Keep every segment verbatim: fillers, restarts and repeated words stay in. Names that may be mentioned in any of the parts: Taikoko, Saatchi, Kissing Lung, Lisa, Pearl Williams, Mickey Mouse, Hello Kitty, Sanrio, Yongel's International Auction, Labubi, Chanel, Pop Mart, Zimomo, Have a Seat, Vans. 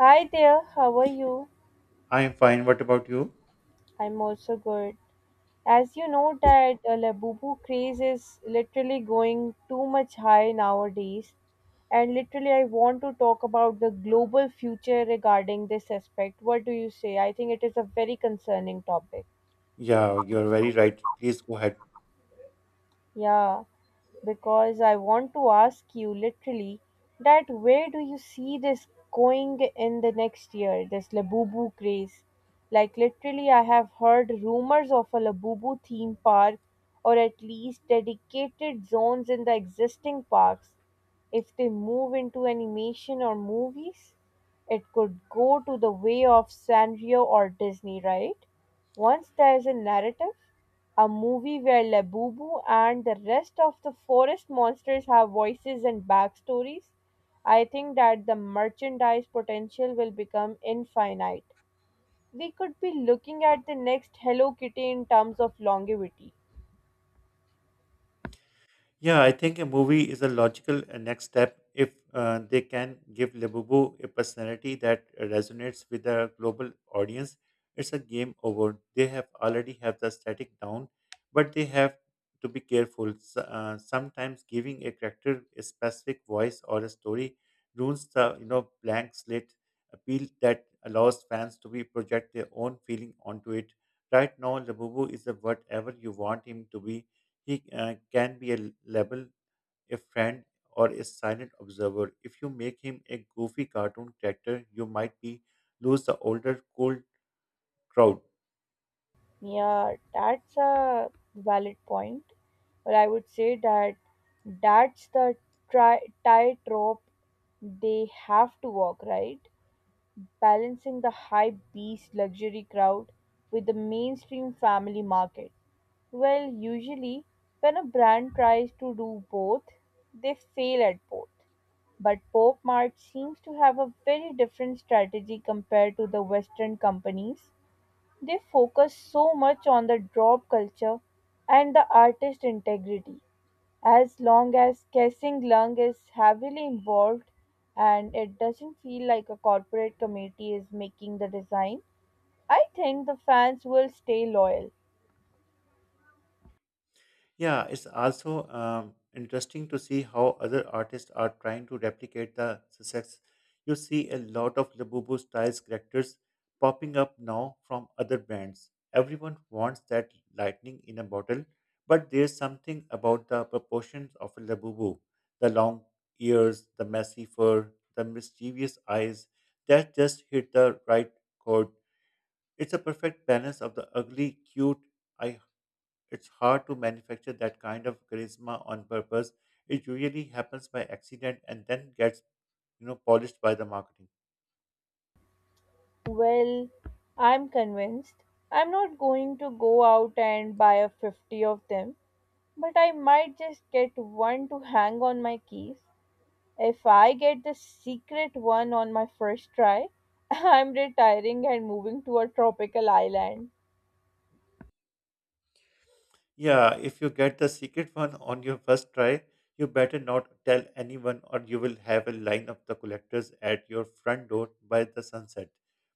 Hi there, how are you? I am fine. What about you? I'm also good. As you know that uh, Labubu craze is literally going too much high nowadays, and literally I want to talk about the global future regarding this aspect. What do you say? I think it is a very concerning topic. Yeah, you're very right. Please go ahead. Yeah, because I want to ask you literally that where do you see this going in the next year, this Labubu craze? Like, literally, I have heard rumors of a Labubu theme park or at least dedicated zones in the existing parks if they move into animation or movies. It could go to the way of Sanrio or Disney, right? Once there's a narrative, a movie where Labubu and the rest of the forest monsters have voices and backstories, I think that the merchandise potential will become infinite. We could be looking at the next Hello Kitty in terms of longevity. Yeah, I think a movie is a logical uh, next step if uh, they can give Labubu a personality that resonates with a global audience. It's a game over. They have already have the static down, but they have to be careful. S- uh, sometimes giving a character a specific voice or a story ruins the you know blank slate appeal that allows fans to be project their own feeling onto it. Right now, Labubu is a whatever you want him to be, he uh, can be a level, a friend, or a silent observer. If you make him a goofy cartoon character, you might be lose the older, cold crowd. Yeah, that's a valid point. Well, I would say that that's the tri- tightrope they have to walk, right? Balancing the high beast luxury crowd with the mainstream family market. Well, usually, when a brand tries to do both, they fail at both. But Pop Mart seems to have a very different strategy compared to the Western companies. They focus so much on the drop culture and the artist integrity. As long as Kissing Lung is heavily involved and it doesn't feel like a corporate committee is making the design, I think the fans will stay loyal. Yeah, it's also um, interesting to see how other artists are trying to replicate the success. You see a lot of Labubu styles characters popping up now from other brands. Everyone wants that lightning in a bottle, but there's something about the proportions of a Labubu, the long ears, the messy fur, the mischievous eyes that just hit the right chord. It's a perfect balance of the ugly, cute. I it's hard to manufacture that kind of charisma on purpose. It usually happens by accident and then gets you know polished by the marketing. Well, I'm convinced. I'm not going to go out and buy a fifty of them, but I might just get one to hang on my keys. If I get the secret one on my first try, I'm retiring and moving to a tropical island. Yeah, if you get the secret one on your first try, you better not tell anyone or you will have a line of the collectors at your front door by the sunset.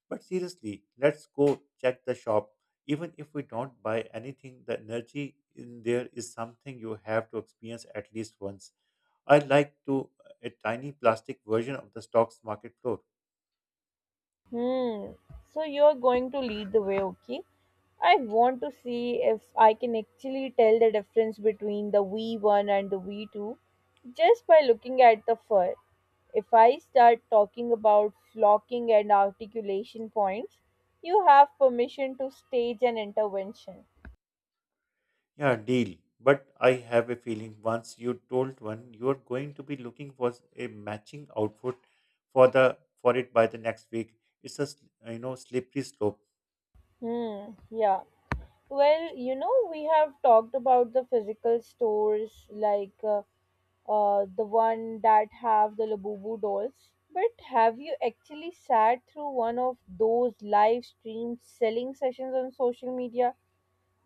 But seriously, let's go check the shop. Even if we don't buy anything, the energy in there is something you have to experience at least once. I'd like to a tiny plastic version of the stocks market floor. Hmm. So you're going to lead the way, okay? I want to see if I can actually tell the difference between the V one and the V two just by looking at the fur. If I start talking about flocking and articulation points, you have permission to stage an intervention. Yeah, deal. But I have a feeling once you told one, you are going to be looking for a matching outfit for the for it by the next week. It's a s- you know slippery slope. Hmm, yeah. Well, you know, we have talked about the physical stores like uh, uh, the one that have the Labubu dolls. But have you actually sat through one of those live stream selling sessions on social media?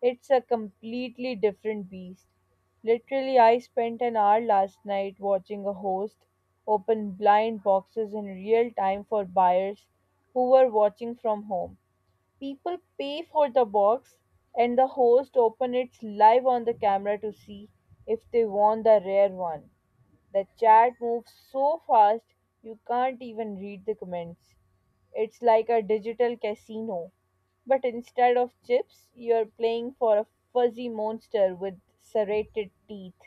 It's a completely different beast. Literally, I spent an hour last night watching a host open blind boxes in real time for buyers who were watching from home. People pay for the box and the host opens it live on the camera to see if they want the rare one. The chat moves so fast you can't even read the comments. It's like a digital casino, but instead of chips, you're playing for a fuzzy monster with serrated teeth.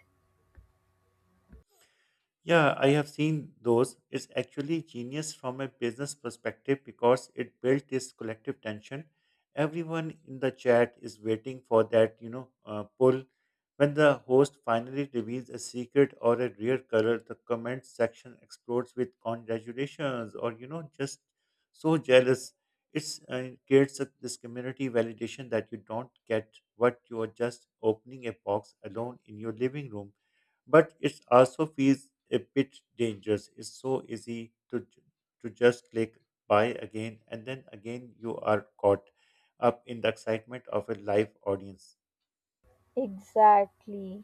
Yeah, I have seen those. It's actually genius from a business perspective because it built this collective tension. Everyone in the chat is waiting for that, you know, uh, pull. When the host finally reveals a secret or a rare color, the comment section explodes with congratulations or, you know, just so jealous. It's, uh, it creates a, this community validation that you don't get what you are just opening a box alone in your living room, but it also feels a bit dangerous. It's so easy to j- to just click buy again, and then again you are caught up in the excitement of a live audience. Exactly.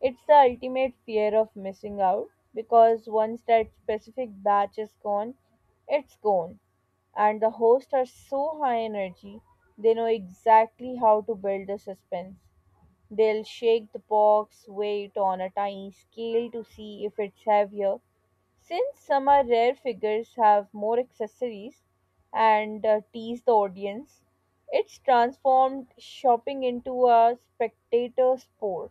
It's the ultimate fear of missing out because once that specific batch is gone, it's gone. And the hosts are so high energy, they know exactly how to build the suspense. They'll shake the box weight on a tiny scale to see if it's heavier. Since some are rare figures have more accessories and uh, tease the audience, it's transformed shopping into a spectator sport.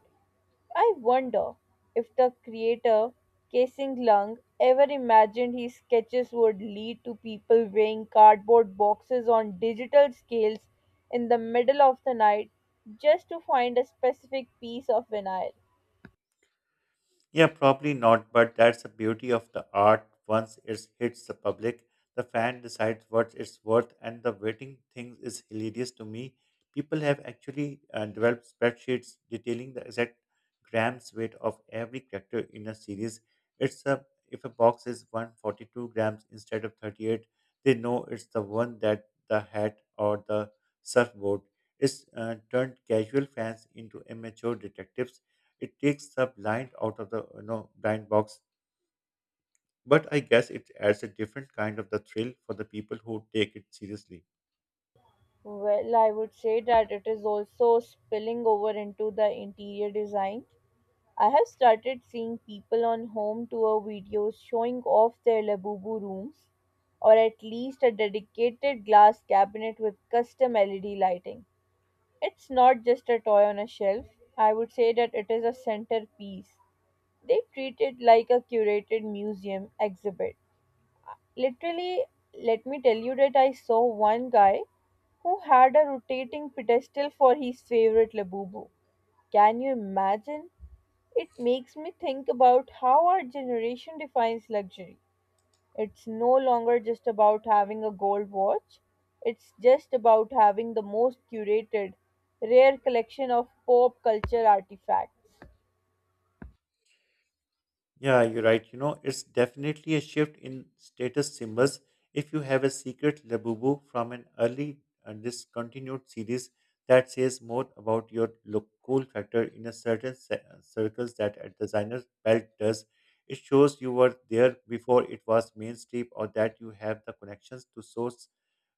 I wonder if the creator, Kasing Lung, ever imagined his sketches would lead to people weighing cardboard boxes on digital scales in the middle of the night just to find a specific piece of vinyl. Yeah, probably not, but that's the beauty of the art. Once it hits the public, the fan decides what it's worth, and the waiting thing is hilarious to me. People have actually uh, developed spreadsheets detailing the exact grams weight of every character in a series. It's a if a box is one hundred forty-two grams instead of thirty-eight, they know it's the one that the hat or the surfboard. It's uh, turned casual fans into amateur detectives, it takes the blind out of the you know blind box, but I guess it adds a different kind of the thrill for the people who take it seriously. Well, I would say that it is also spilling over into the interior design. I have started seeing people on home tour videos showing off their Labubu rooms, or at least a dedicated glass cabinet with custom L E D lighting. It's not just a toy on a shelf, I would say that it is a centerpiece. They treat it like a curated museum exhibit. Literally, let me tell you that I saw one guy who had a rotating pedestal for his favorite Labubu. Can you imagine? It makes me think about how our generation defines luxury. It's no longer just about having a gold watch, it's just about having the most curated, rare collection of pop culture artifacts. Yeah, you're right. You know, it's definitely a shift in status symbols. If you have a secret Labubu from an early and discontinued series that says more about your look cool factor in a certain se- uh, circles that a designer's belt does, it shows you were there before it was mainstream or that you have the connections to source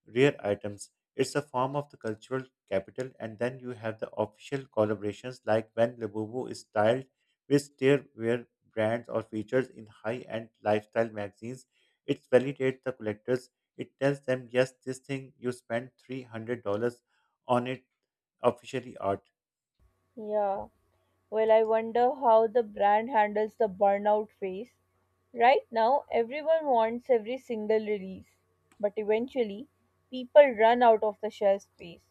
rare items. It's a form of the cultural capital, and then you have the official collaborations like when Labubu is styled, which there were brands or features in high-end lifestyle magazines. It validates the collectors. It tells them, yes, this thing you spent three hundred dollars on it officially art. Yeah. Well, I wonder how the brand handles the burnout phase. Right now, everyone wants every single release, but eventually, people run out of the shelf space.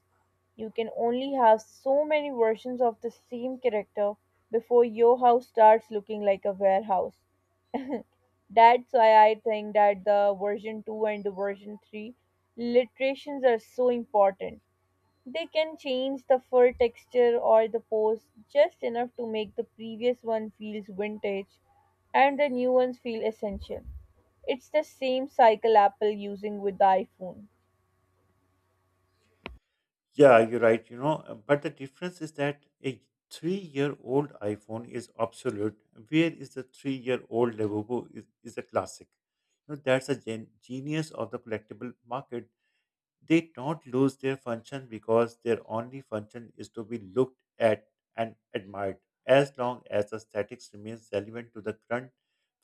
You can only have so many versions of the same character before your house starts looking like a warehouse. That's why I think that the version two and the version three literations are so important. They can change the fur texture or the pose just enough to make the previous one feels vintage and the new ones feel essential. It's the same cycle Apple using with the iPhone. Yeah, you're right. You know, uh, but the difference is that a three-year-old iPhone is obsolete. Where is the three-year-old Lenovo is, is a classic. You know, that's a gen- genius of the collectible market. They don't lose their function because their only function is to be looked at and admired. As long as aesthetics remains relevant to the current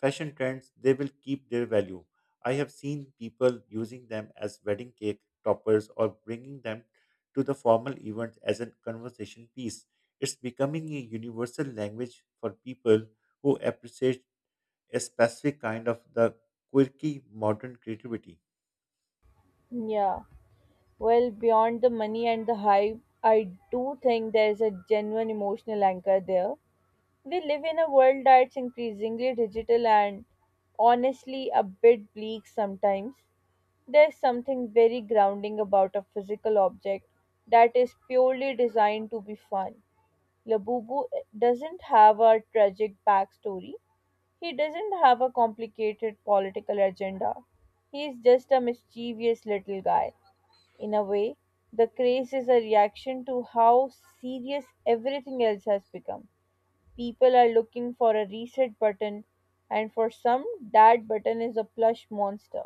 fashion trends, they will keep their value. I have seen people using them as wedding cake toppers or bringing them to the formal events as a conversation piece. It's becoming a universal language for people who appreciate a specific kind of the quirky modern creativity. Yeah. Well, beyond the money and the hype, I do think there's a genuine emotional anchor there. We live in a world that's increasingly digital and honestly a bit bleak sometimes. There's something very grounding about a physical object that is purely designed to be fun. Labubu eh, doesn't have a tragic backstory. He doesn't have a complicated political agenda. He is just a mischievous little guy. In a way, the craze is a reaction to how serious everything else has become. People are looking for a reset button, and for some, that button is a plush monster.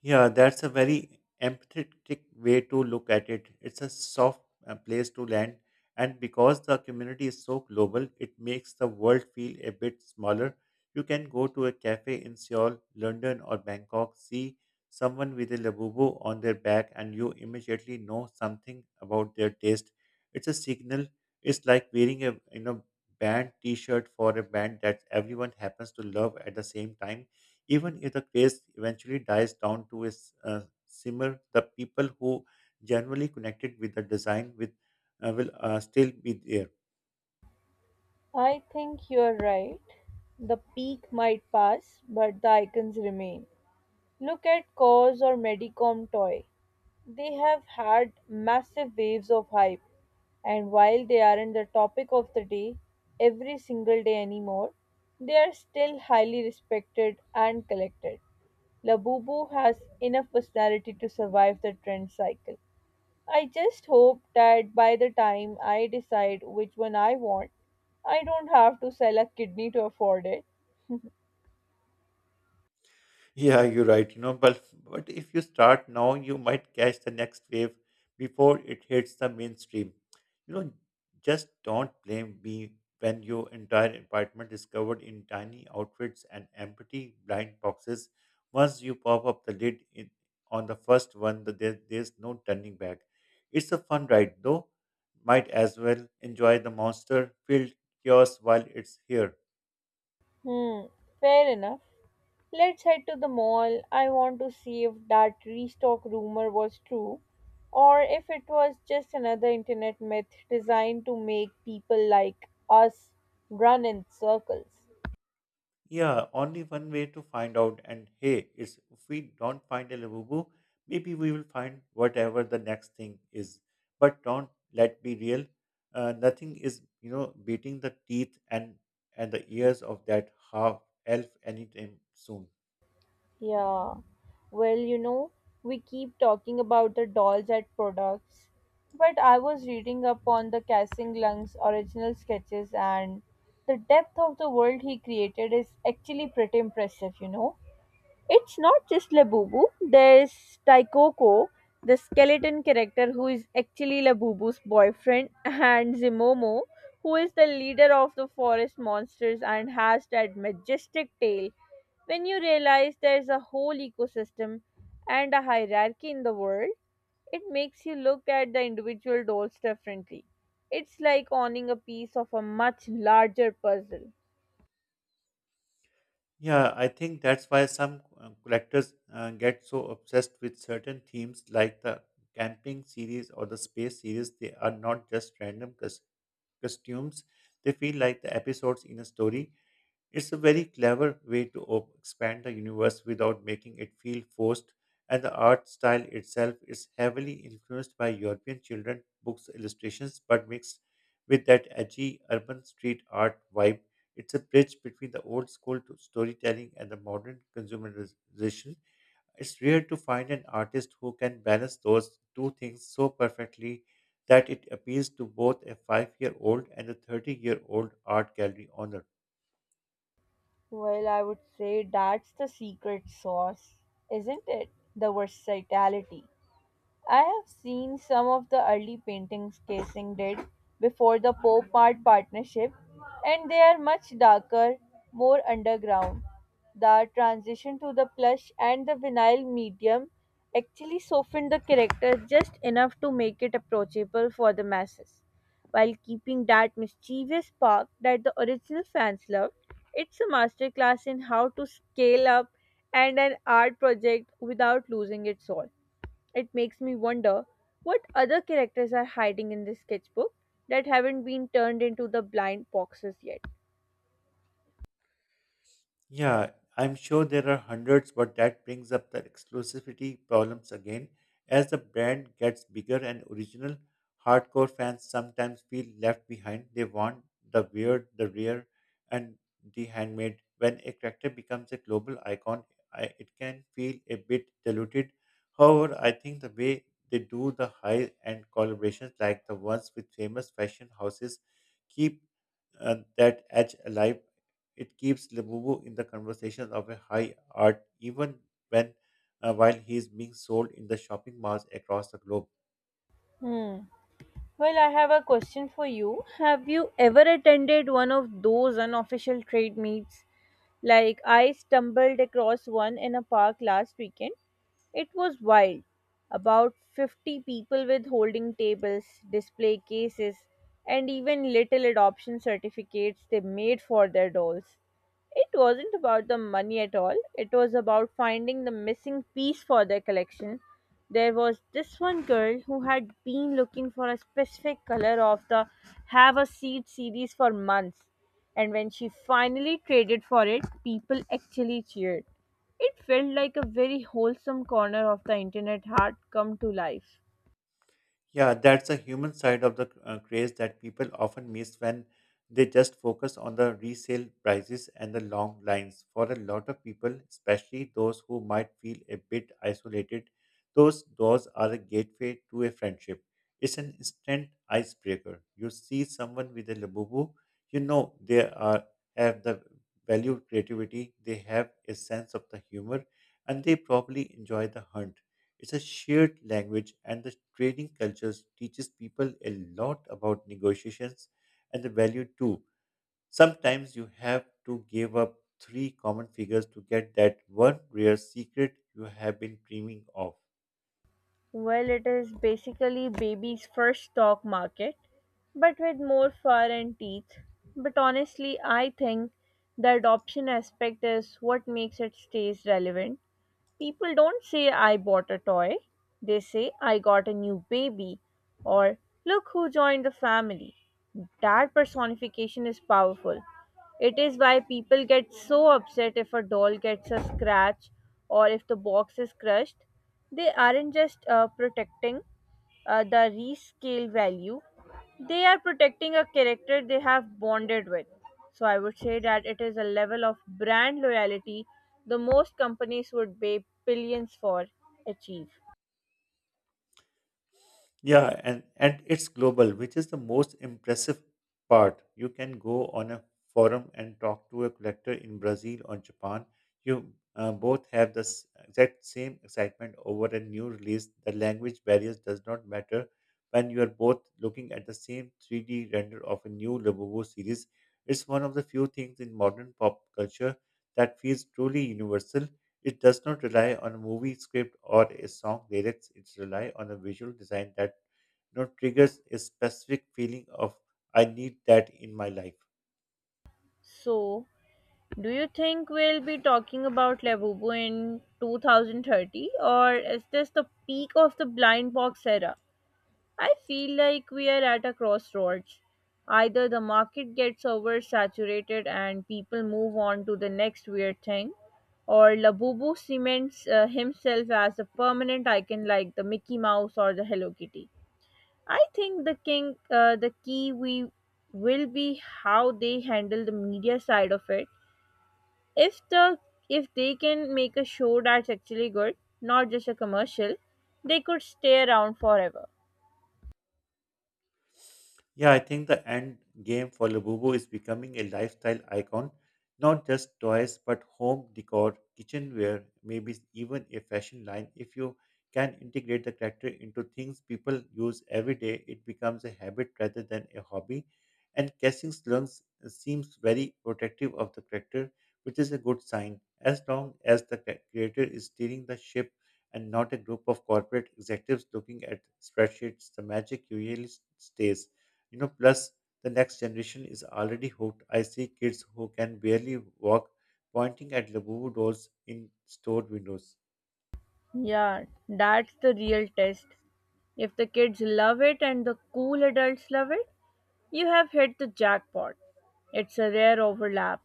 Yeah, that's a very empathetic way to look at it. It's a soft uh, place to land, and because the community is so global, it makes the world feel a bit smaller. You can go to a cafe in Seoul, London, or Bangkok, see someone with a labubu on their back, and you immediately know something about their taste. It's a signal. It's like wearing a you know band T-shirt for a band that everyone happens to love at the same time. Even if the craze eventually dies down to a s- uh, simmer, the people who generally connected with the design with uh, will uh, still be there. I think you're right. The peak might pass, but the icons remain. Look at Cause or Medicom Toy. They have had massive waves of hype, and while they aren't the topic of the day every single day anymore, they are still highly respected and collected. Labubu has enough personality to survive the trend cycle. I just hope that by the time I decide which one I want, I don't have to sell a kidney to afford it. Yeah, you're right. You know, but but if you start now, you might catch the next wave before it hits the mainstream. You know, just don't blame me when your entire apartment is covered in tiny outfits and empty blind boxes. Once you pop up the lid in, on the first one, the, there, there's no turning back. It's a fun ride, though. Might as well enjoy the monster-filled chaos while it's here. Hmm, fair enough. Let's head to the mall. I want to see if that restock rumor was true or if it was just another internet myth designed to make people like us run in circles. Yeah, only one way to find out. And hey, it's if we don't find a Labubu, maybe we will find whatever the next thing is. But don't let be real. Uh, nothing is, you know, beating the teeth and and the ears of that half elf anytime soon. Yeah. Well, you know, we keep talking about the dolls at products, but I was reading up on the Kassing Lung's original sketches and the depth of the world he created is actually pretty impressive, you know. It's not just Labubu, there's Taikoko, the skeleton character who is actually Labubu's boyfriend, and Zimomo, who is the leader of the forest monsters and has that majestic tail. When you realize there's a whole ecosystem and a hierarchy in the world, it makes you look at the individual dolls differently. It's like owning a piece of a much larger puzzle. Yeah, I think that's why some uh, collectors uh, get so obsessed with certain themes like the camping series or the space series. They are not just random cus- costumes, they feel like the episodes in a story. It's a very clever way to op- expand the universe without making it feel forced, and the art style itself is heavily influenced by European children books illustrations, but mixed with that edgy urban street art vibe. It's a bridge between the old school to storytelling and the modern consumerization. It's rare to find an artist who can balance those two things so perfectly that it appeals to both a five year old and a thirty year old art gallery owner. Well, I would say that's the secret sauce, isn't it? The versatility. I have seen some of the early paintings Casing did before the Pope Art Partnership, and they are much darker, more underground. The transition to the plush and the vinyl medium actually softened the character just enough to make it approachable for the masses. While keeping that mischievous spark that the original fans loved, it's a masterclass in how to scale up and an art project without losing its soul. It makes me wonder what other characters are hiding in this sketchbook that haven't been turned into the blind boxes yet. Yeah, I'm sure there are hundreds, but that brings up the exclusivity problems again. As the brand gets bigger and original, hardcore fans sometimes feel left behind. They want the weird, the rare, and the handmade. When a character becomes a global icon, I, it can feel a bit diluted. However, I think the way they do the high end collaborations, like the ones with famous fashion houses, keep uh, that edge alive. It keeps Labubu in the conversation of a high art even when uh, while he is being sold in the shopping malls across the globe. Hmm. Well, I have a question for you. Have you ever attended one of those unofficial trade meets? Like, I stumbled across one in a park last weekend. It was wild. About fifty people with holding tables, display cases, and even little adoption certificates they made for their dolls. It wasn't about the money at all, it was about finding the missing piece for their collection. There was this one girl who had been looking for a specific color of the Have a Seat series for months, and when she finally traded for it, people actually cheered. It felt like a very wholesome corner of the internet heart come to life. Yeah, that's a human side of the uh, craze that people often miss when they just focus on the resale prices and the long lines. For a lot of people, especially those who might feel a bit isolated, those doors are a gateway to a friendship. It's an instant icebreaker. You see someone with a labubu, you know they are have the value of creativity, they have a sense of the humor, and they probably enjoy the hunt. It's a shared language, and the training cultures teaches people a lot about negotiations and the value too. Sometimes you have to give up three common figures to get that one rare secret you have been dreaming of. Well, it is basically baby's first stock market, but with more fur and teeth. But honestly, I think the adoption aspect is what makes it stays relevant. People don't say I bought a toy, they say I got a new baby, or look who joined the family. That personification is powerful. It is why people get so upset if a doll gets a scratch or if the box is crushed. They aren't just uh, protecting uh, the rescale value, they are protecting a character they have bonded with. So I would say that it is a level of brand loyalty the most companies would pay billions for achieve. Yeah, and and it's global, which is the most impressive part. You can go on a forum and talk to a collector in Brazil or Japan. You uh, both have the s- exact same excitement over a new release. The language barriers does not matter when you are both looking at the same three D render of a new Labubu series. It's one of the few things in modern pop culture that feels truly universal. It does not rely on a movie script or a song lyrics. It relies on a visual design that, you know, triggers a specific feeling of I need that in my life. So, do you think we'll be talking about Labubu in two thousand thirty or is this the peak of the blind box era? I feel like we are at a crossroads. Either the market gets oversaturated and people move on to the next weird thing, or Labubu cements uh, himself as a permanent icon like the Mickey Mouse or the Hello Kitty. I think the king, uh, the key we will be how they handle the media side of it if the if they can make a show that's actually good, not just a commercial. They could stay around forever. Yeah, I think the end game for Labubu is becoming a lifestyle icon, not just toys, but home decor, kitchenware, maybe even a fashion line. If you can integrate the character into things people use every day, it becomes a habit rather than a hobby. And casting slums seems very protective of the character, which is a good sign, as long as the cre- creator is steering the ship and not a group of corporate executives looking at spreadsheets, the magic usually stays. You know, plus the next generation is already hooked. I see kids who can barely walk pointing at Labubu dolls in store windows. Yeah, that's the real test. If the kids love it and the cool adults love it, you have hit the jackpot. It's a rare overlap.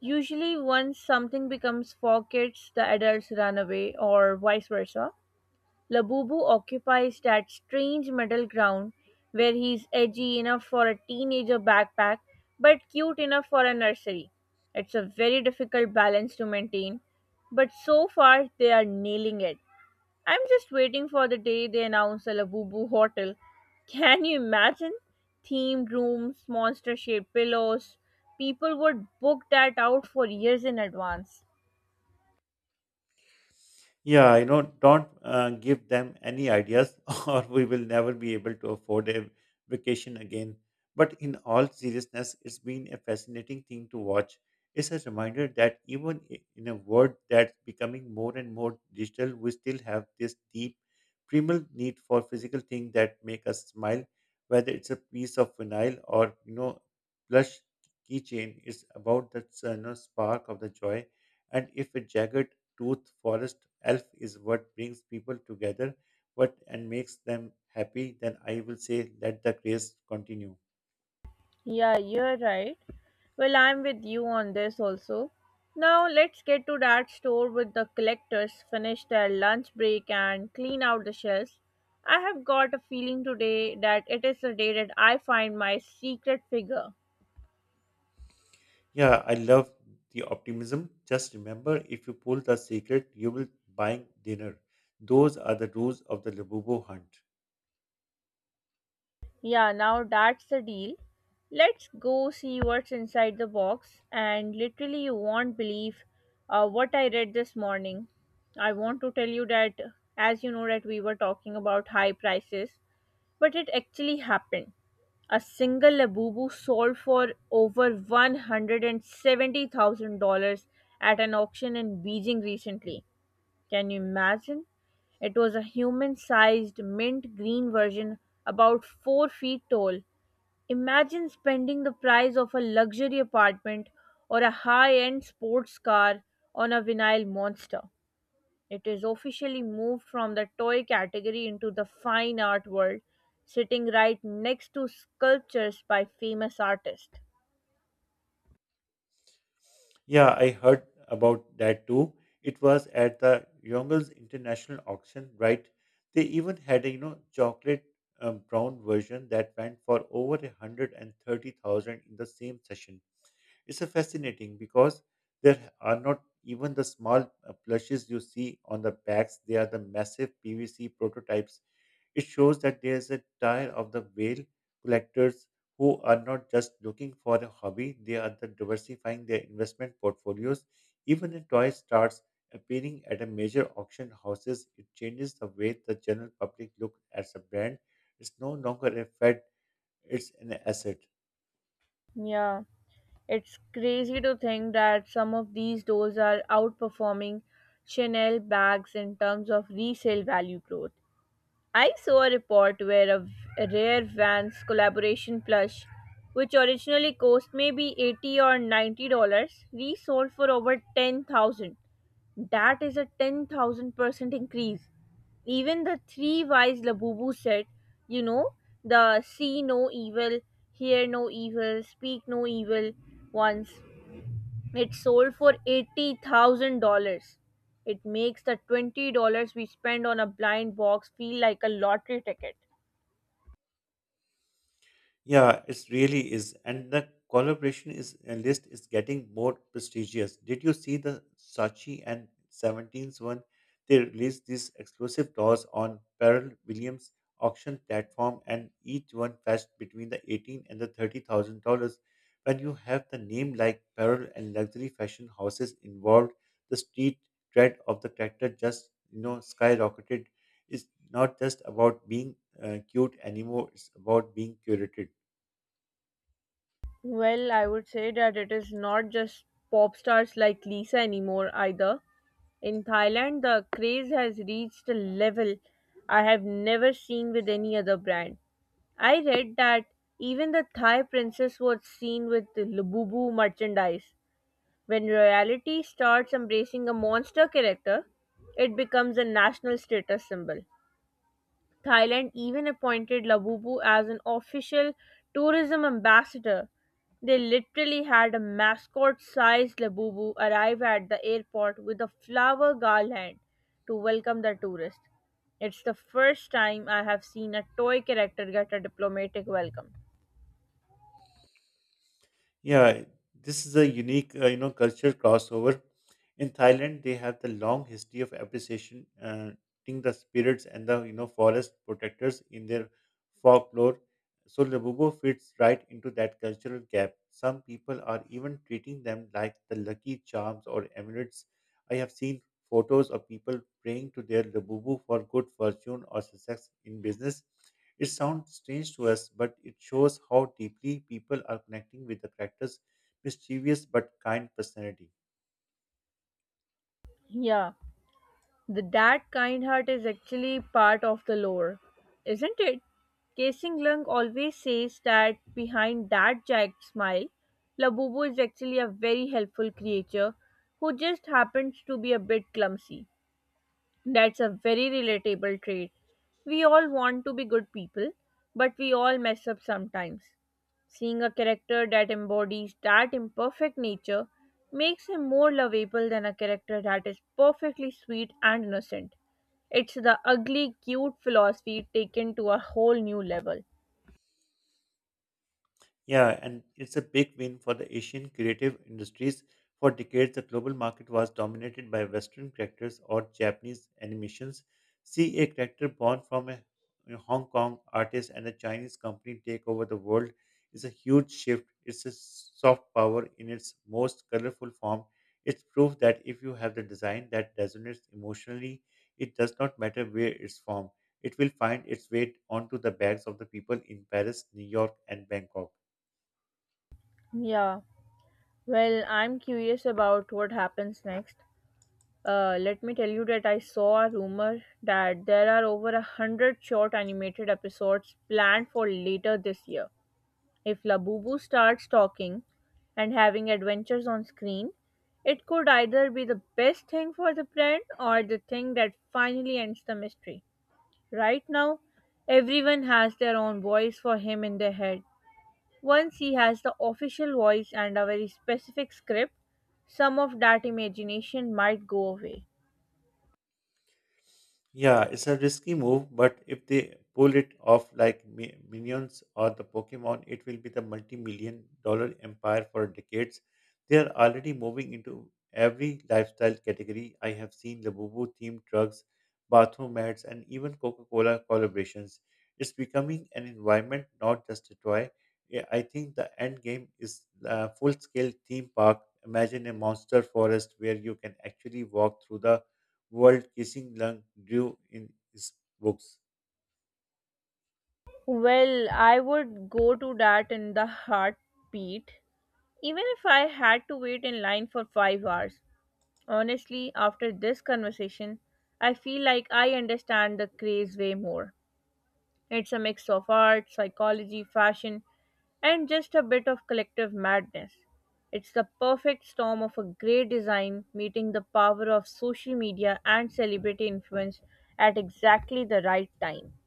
Usually once something becomes for kids, the adults run away or vice versa. Labubu occupies that strange middle ground where he's edgy enough for a teenager backpack but cute enough for a nursery. It's a very difficult balance to maintain, but so far they are nailing it. I'm just waiting for the day they announce a Labubu hotel. Can you imagine? Themed rooms, monster shaped pillows. People would book that out for years in advance. Yeah, you know, don't uh, give them any ideas, or we will never be able to afford a vacation again. But in all seriousness, it's been a fascinating thing to watch. It's a reminder that even i- in a world that's becoming more and more digital, we still have this deep, primal need for physical things that make us smile. Whether it's a piece of vinyl or you know, plush keychain, it's about that uh, you know, spark of the joy. And if a jagged tooth forest elf is what brings people together, what and makes them happy, then I will say let the grace continue. Yeah, you're right. Well, I'm with you on this also. Now, let's get to that store with the collectors, finish their lunch break, and clean out the shelves. I have got a feeling today that it is the day that I find my secret figure. Yeah, I love the optimism. Just remember, if you pull the secret, you will buy dinner. Those are the rules of the Labubu hunt. Yeah, now that's the deal. Let's go see what's inside the box, and literally, you won't believe uh, what I read this morning. I want to tell you that, as you know, that we were talking about high prices, but it actually happened. A single Labubu sold for over one hundred seventy thousand dollars at an auction in Beijing recently. Can you imagine? It was a human sized mint green version, about four feet tall. Imagine spending the price of a luxury apartment or a high end sports car on a vinyl monster. It is officially moved from the toy category into the fine art world, sitting right next to sculptures by famous artists. Yeah, I heard about that too. It was at the Yongel's International Auction, right? They even had a you know chocolate um, brown version that went for over a hundred and thirty thousand in the same session. It's a fascinating because there are not even the small uh, plushes you see on the packs, they are the massive P V C prototypes. It shows that there's a tire of the whale collectors who are not just looking for a hobby, they are the diversifying their investment portfolios. Even a toy starts appearing at a major auction houses, it changes the way the general public look at a brand. It's no longer a fad, it's an asset. Yeah, it's crazy to think that some of these dolls are outperforming Chanel bags in terms of resale value growth. I saw a report where a a rare Vans collaboration plush, which originally cost maybe eighty or ninety dollars, resold for over ten thousand. That is a ten thousand percent increase. Even the three wise Labubu said, you know, the see no evil, hear no evil, speak no evil once. It sold for eighty thousand dollars. It makes the twenty dollars we spend on a blind box feel like a lottery ticket. Yeah, it really is. And the collaboration is uh, list is getting more prestigious. Did you see the Saatchi and seventeenth one? They released these exclusive doors on Pearl Williams auction platform and each one fetched between the eighteen and the thirty thousand dollars. When you have the name like Pearl and luxury fashion houses involved, the street cred of the character just, you know, skyrocketed. It's not just about being uh, cute anymore, it's about being curated. Well, I would say that it is not just pop stars like Lisa anymore either. In Thailand, the craze has reached a level I have never seen with any other brand. I read that even the Thai princess was seen with the Lububu merchandise. When royalty starts embracing a monster character, it becomes a national status symbol. Thailand even appointed Labubu as an official tourism ambassador. They literally had a mascot sized Labubu arrive at the airport with a flower garland to welcome the tourist. It's the first time I have seen a toy character get a diplomatic welcome. Yeah, this is a unique, uh, you know, cultural crossover. In Thailand, they have the long history of appreciation, uh, ting the spirits and the you know forest protectors in their folklore. So Labubu fits right into that cultural gap. Some people are even treating them like the lucky charms or amulets. I have seen photos of people praying to their Labubu for good fortune or success in business. It sounds strange to us, but it shows how deeply people are connecting with the character's mischievous but kind personality. Yeah. The that kind heart is actually part of the lore, isn't it? Casing Lung always says that behind that jagged smile, Labubu is actually a very helpful creature who just happens to be a bit clumsy. That's a very relatable trait. We all want to be good people, but we all mess up sometimes. Seeing a character that embodies that imperfect nature makes him more lovable than a character that is perfectly sweet and innocent. It's the ugly cute philosophy taken to a whole new level. Yeah, and it's a big win for the Asian creative industries. For decades, the global market was dominated by Western characters or Japanese animations. See a character born from a a Hong Kong artist and a Chinese company take over the world is a huge shift. It's a soft power in its most colorful form. It's proof that if you have the design that resonates emotionally, it does not matter where it's from. It will find its way onto the backs of the people in Paris, New York, and Bangkok. Yeah. Well, I'm curious about what happens next. Uh, let me tell you that I saw a rumor that there are over a hundred short animated episodes planned for later this year. If Labubu starts talking and having adventures on screen, it could either be the best thing for the brand or the thing that finally ends the mystery. Right now, everyone has their own voice for him in their head. Once he has the official voice and a very specific script, some of that imagination might go away. Yeah, it's a risky move, but if they pull it off like Mi- Minions or the Pokemon, it will be the multi-million dollar empire for decades. They are already moving into every lifestyle category. I have seen Labubu themed drugs, bathroom mats, and even Coca-Cola collaborations. It's becoming an environment, not just a toy. Yeah, I think the end game is a full-scale theme park. Imagine a monster forest where you can actually walk through the world Kissing Lung drew in his books. Well, I would go to that in the heartbeat, even if I had to wait in line for five hours. Honestly, after this conversation, I feel like I understand the craze way more. It's a mix of art, psychology, fashion, and just a bit of collective madness. It's the perfect storm of a great design meeting the power of social media and celebrity influence at exactly the right time.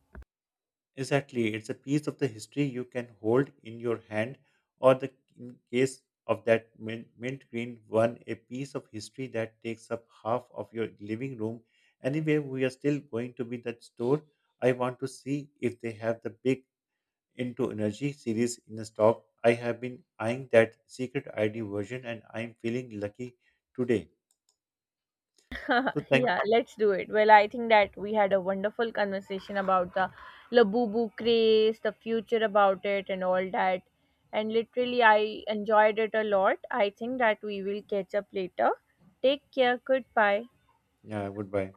Exactly, it's a piece of the history you can hold in your hand, or the in case of that min- mint green one, a piece of history that takes up half of your living room. Anyway, we are still going to be that store. I want to see if they have the big into energy series in the stock. I have been eyeing that secret I D version and I'm feeling lucky today. So thank Yeah, let's do it. Well, I think that we had a wonderful conversation about the Labubu craze, the future about it, and all that. And literally, I enjoyed it a lot. I think that we will catch up later. Take care. Goodbye. Yeah, goodbye.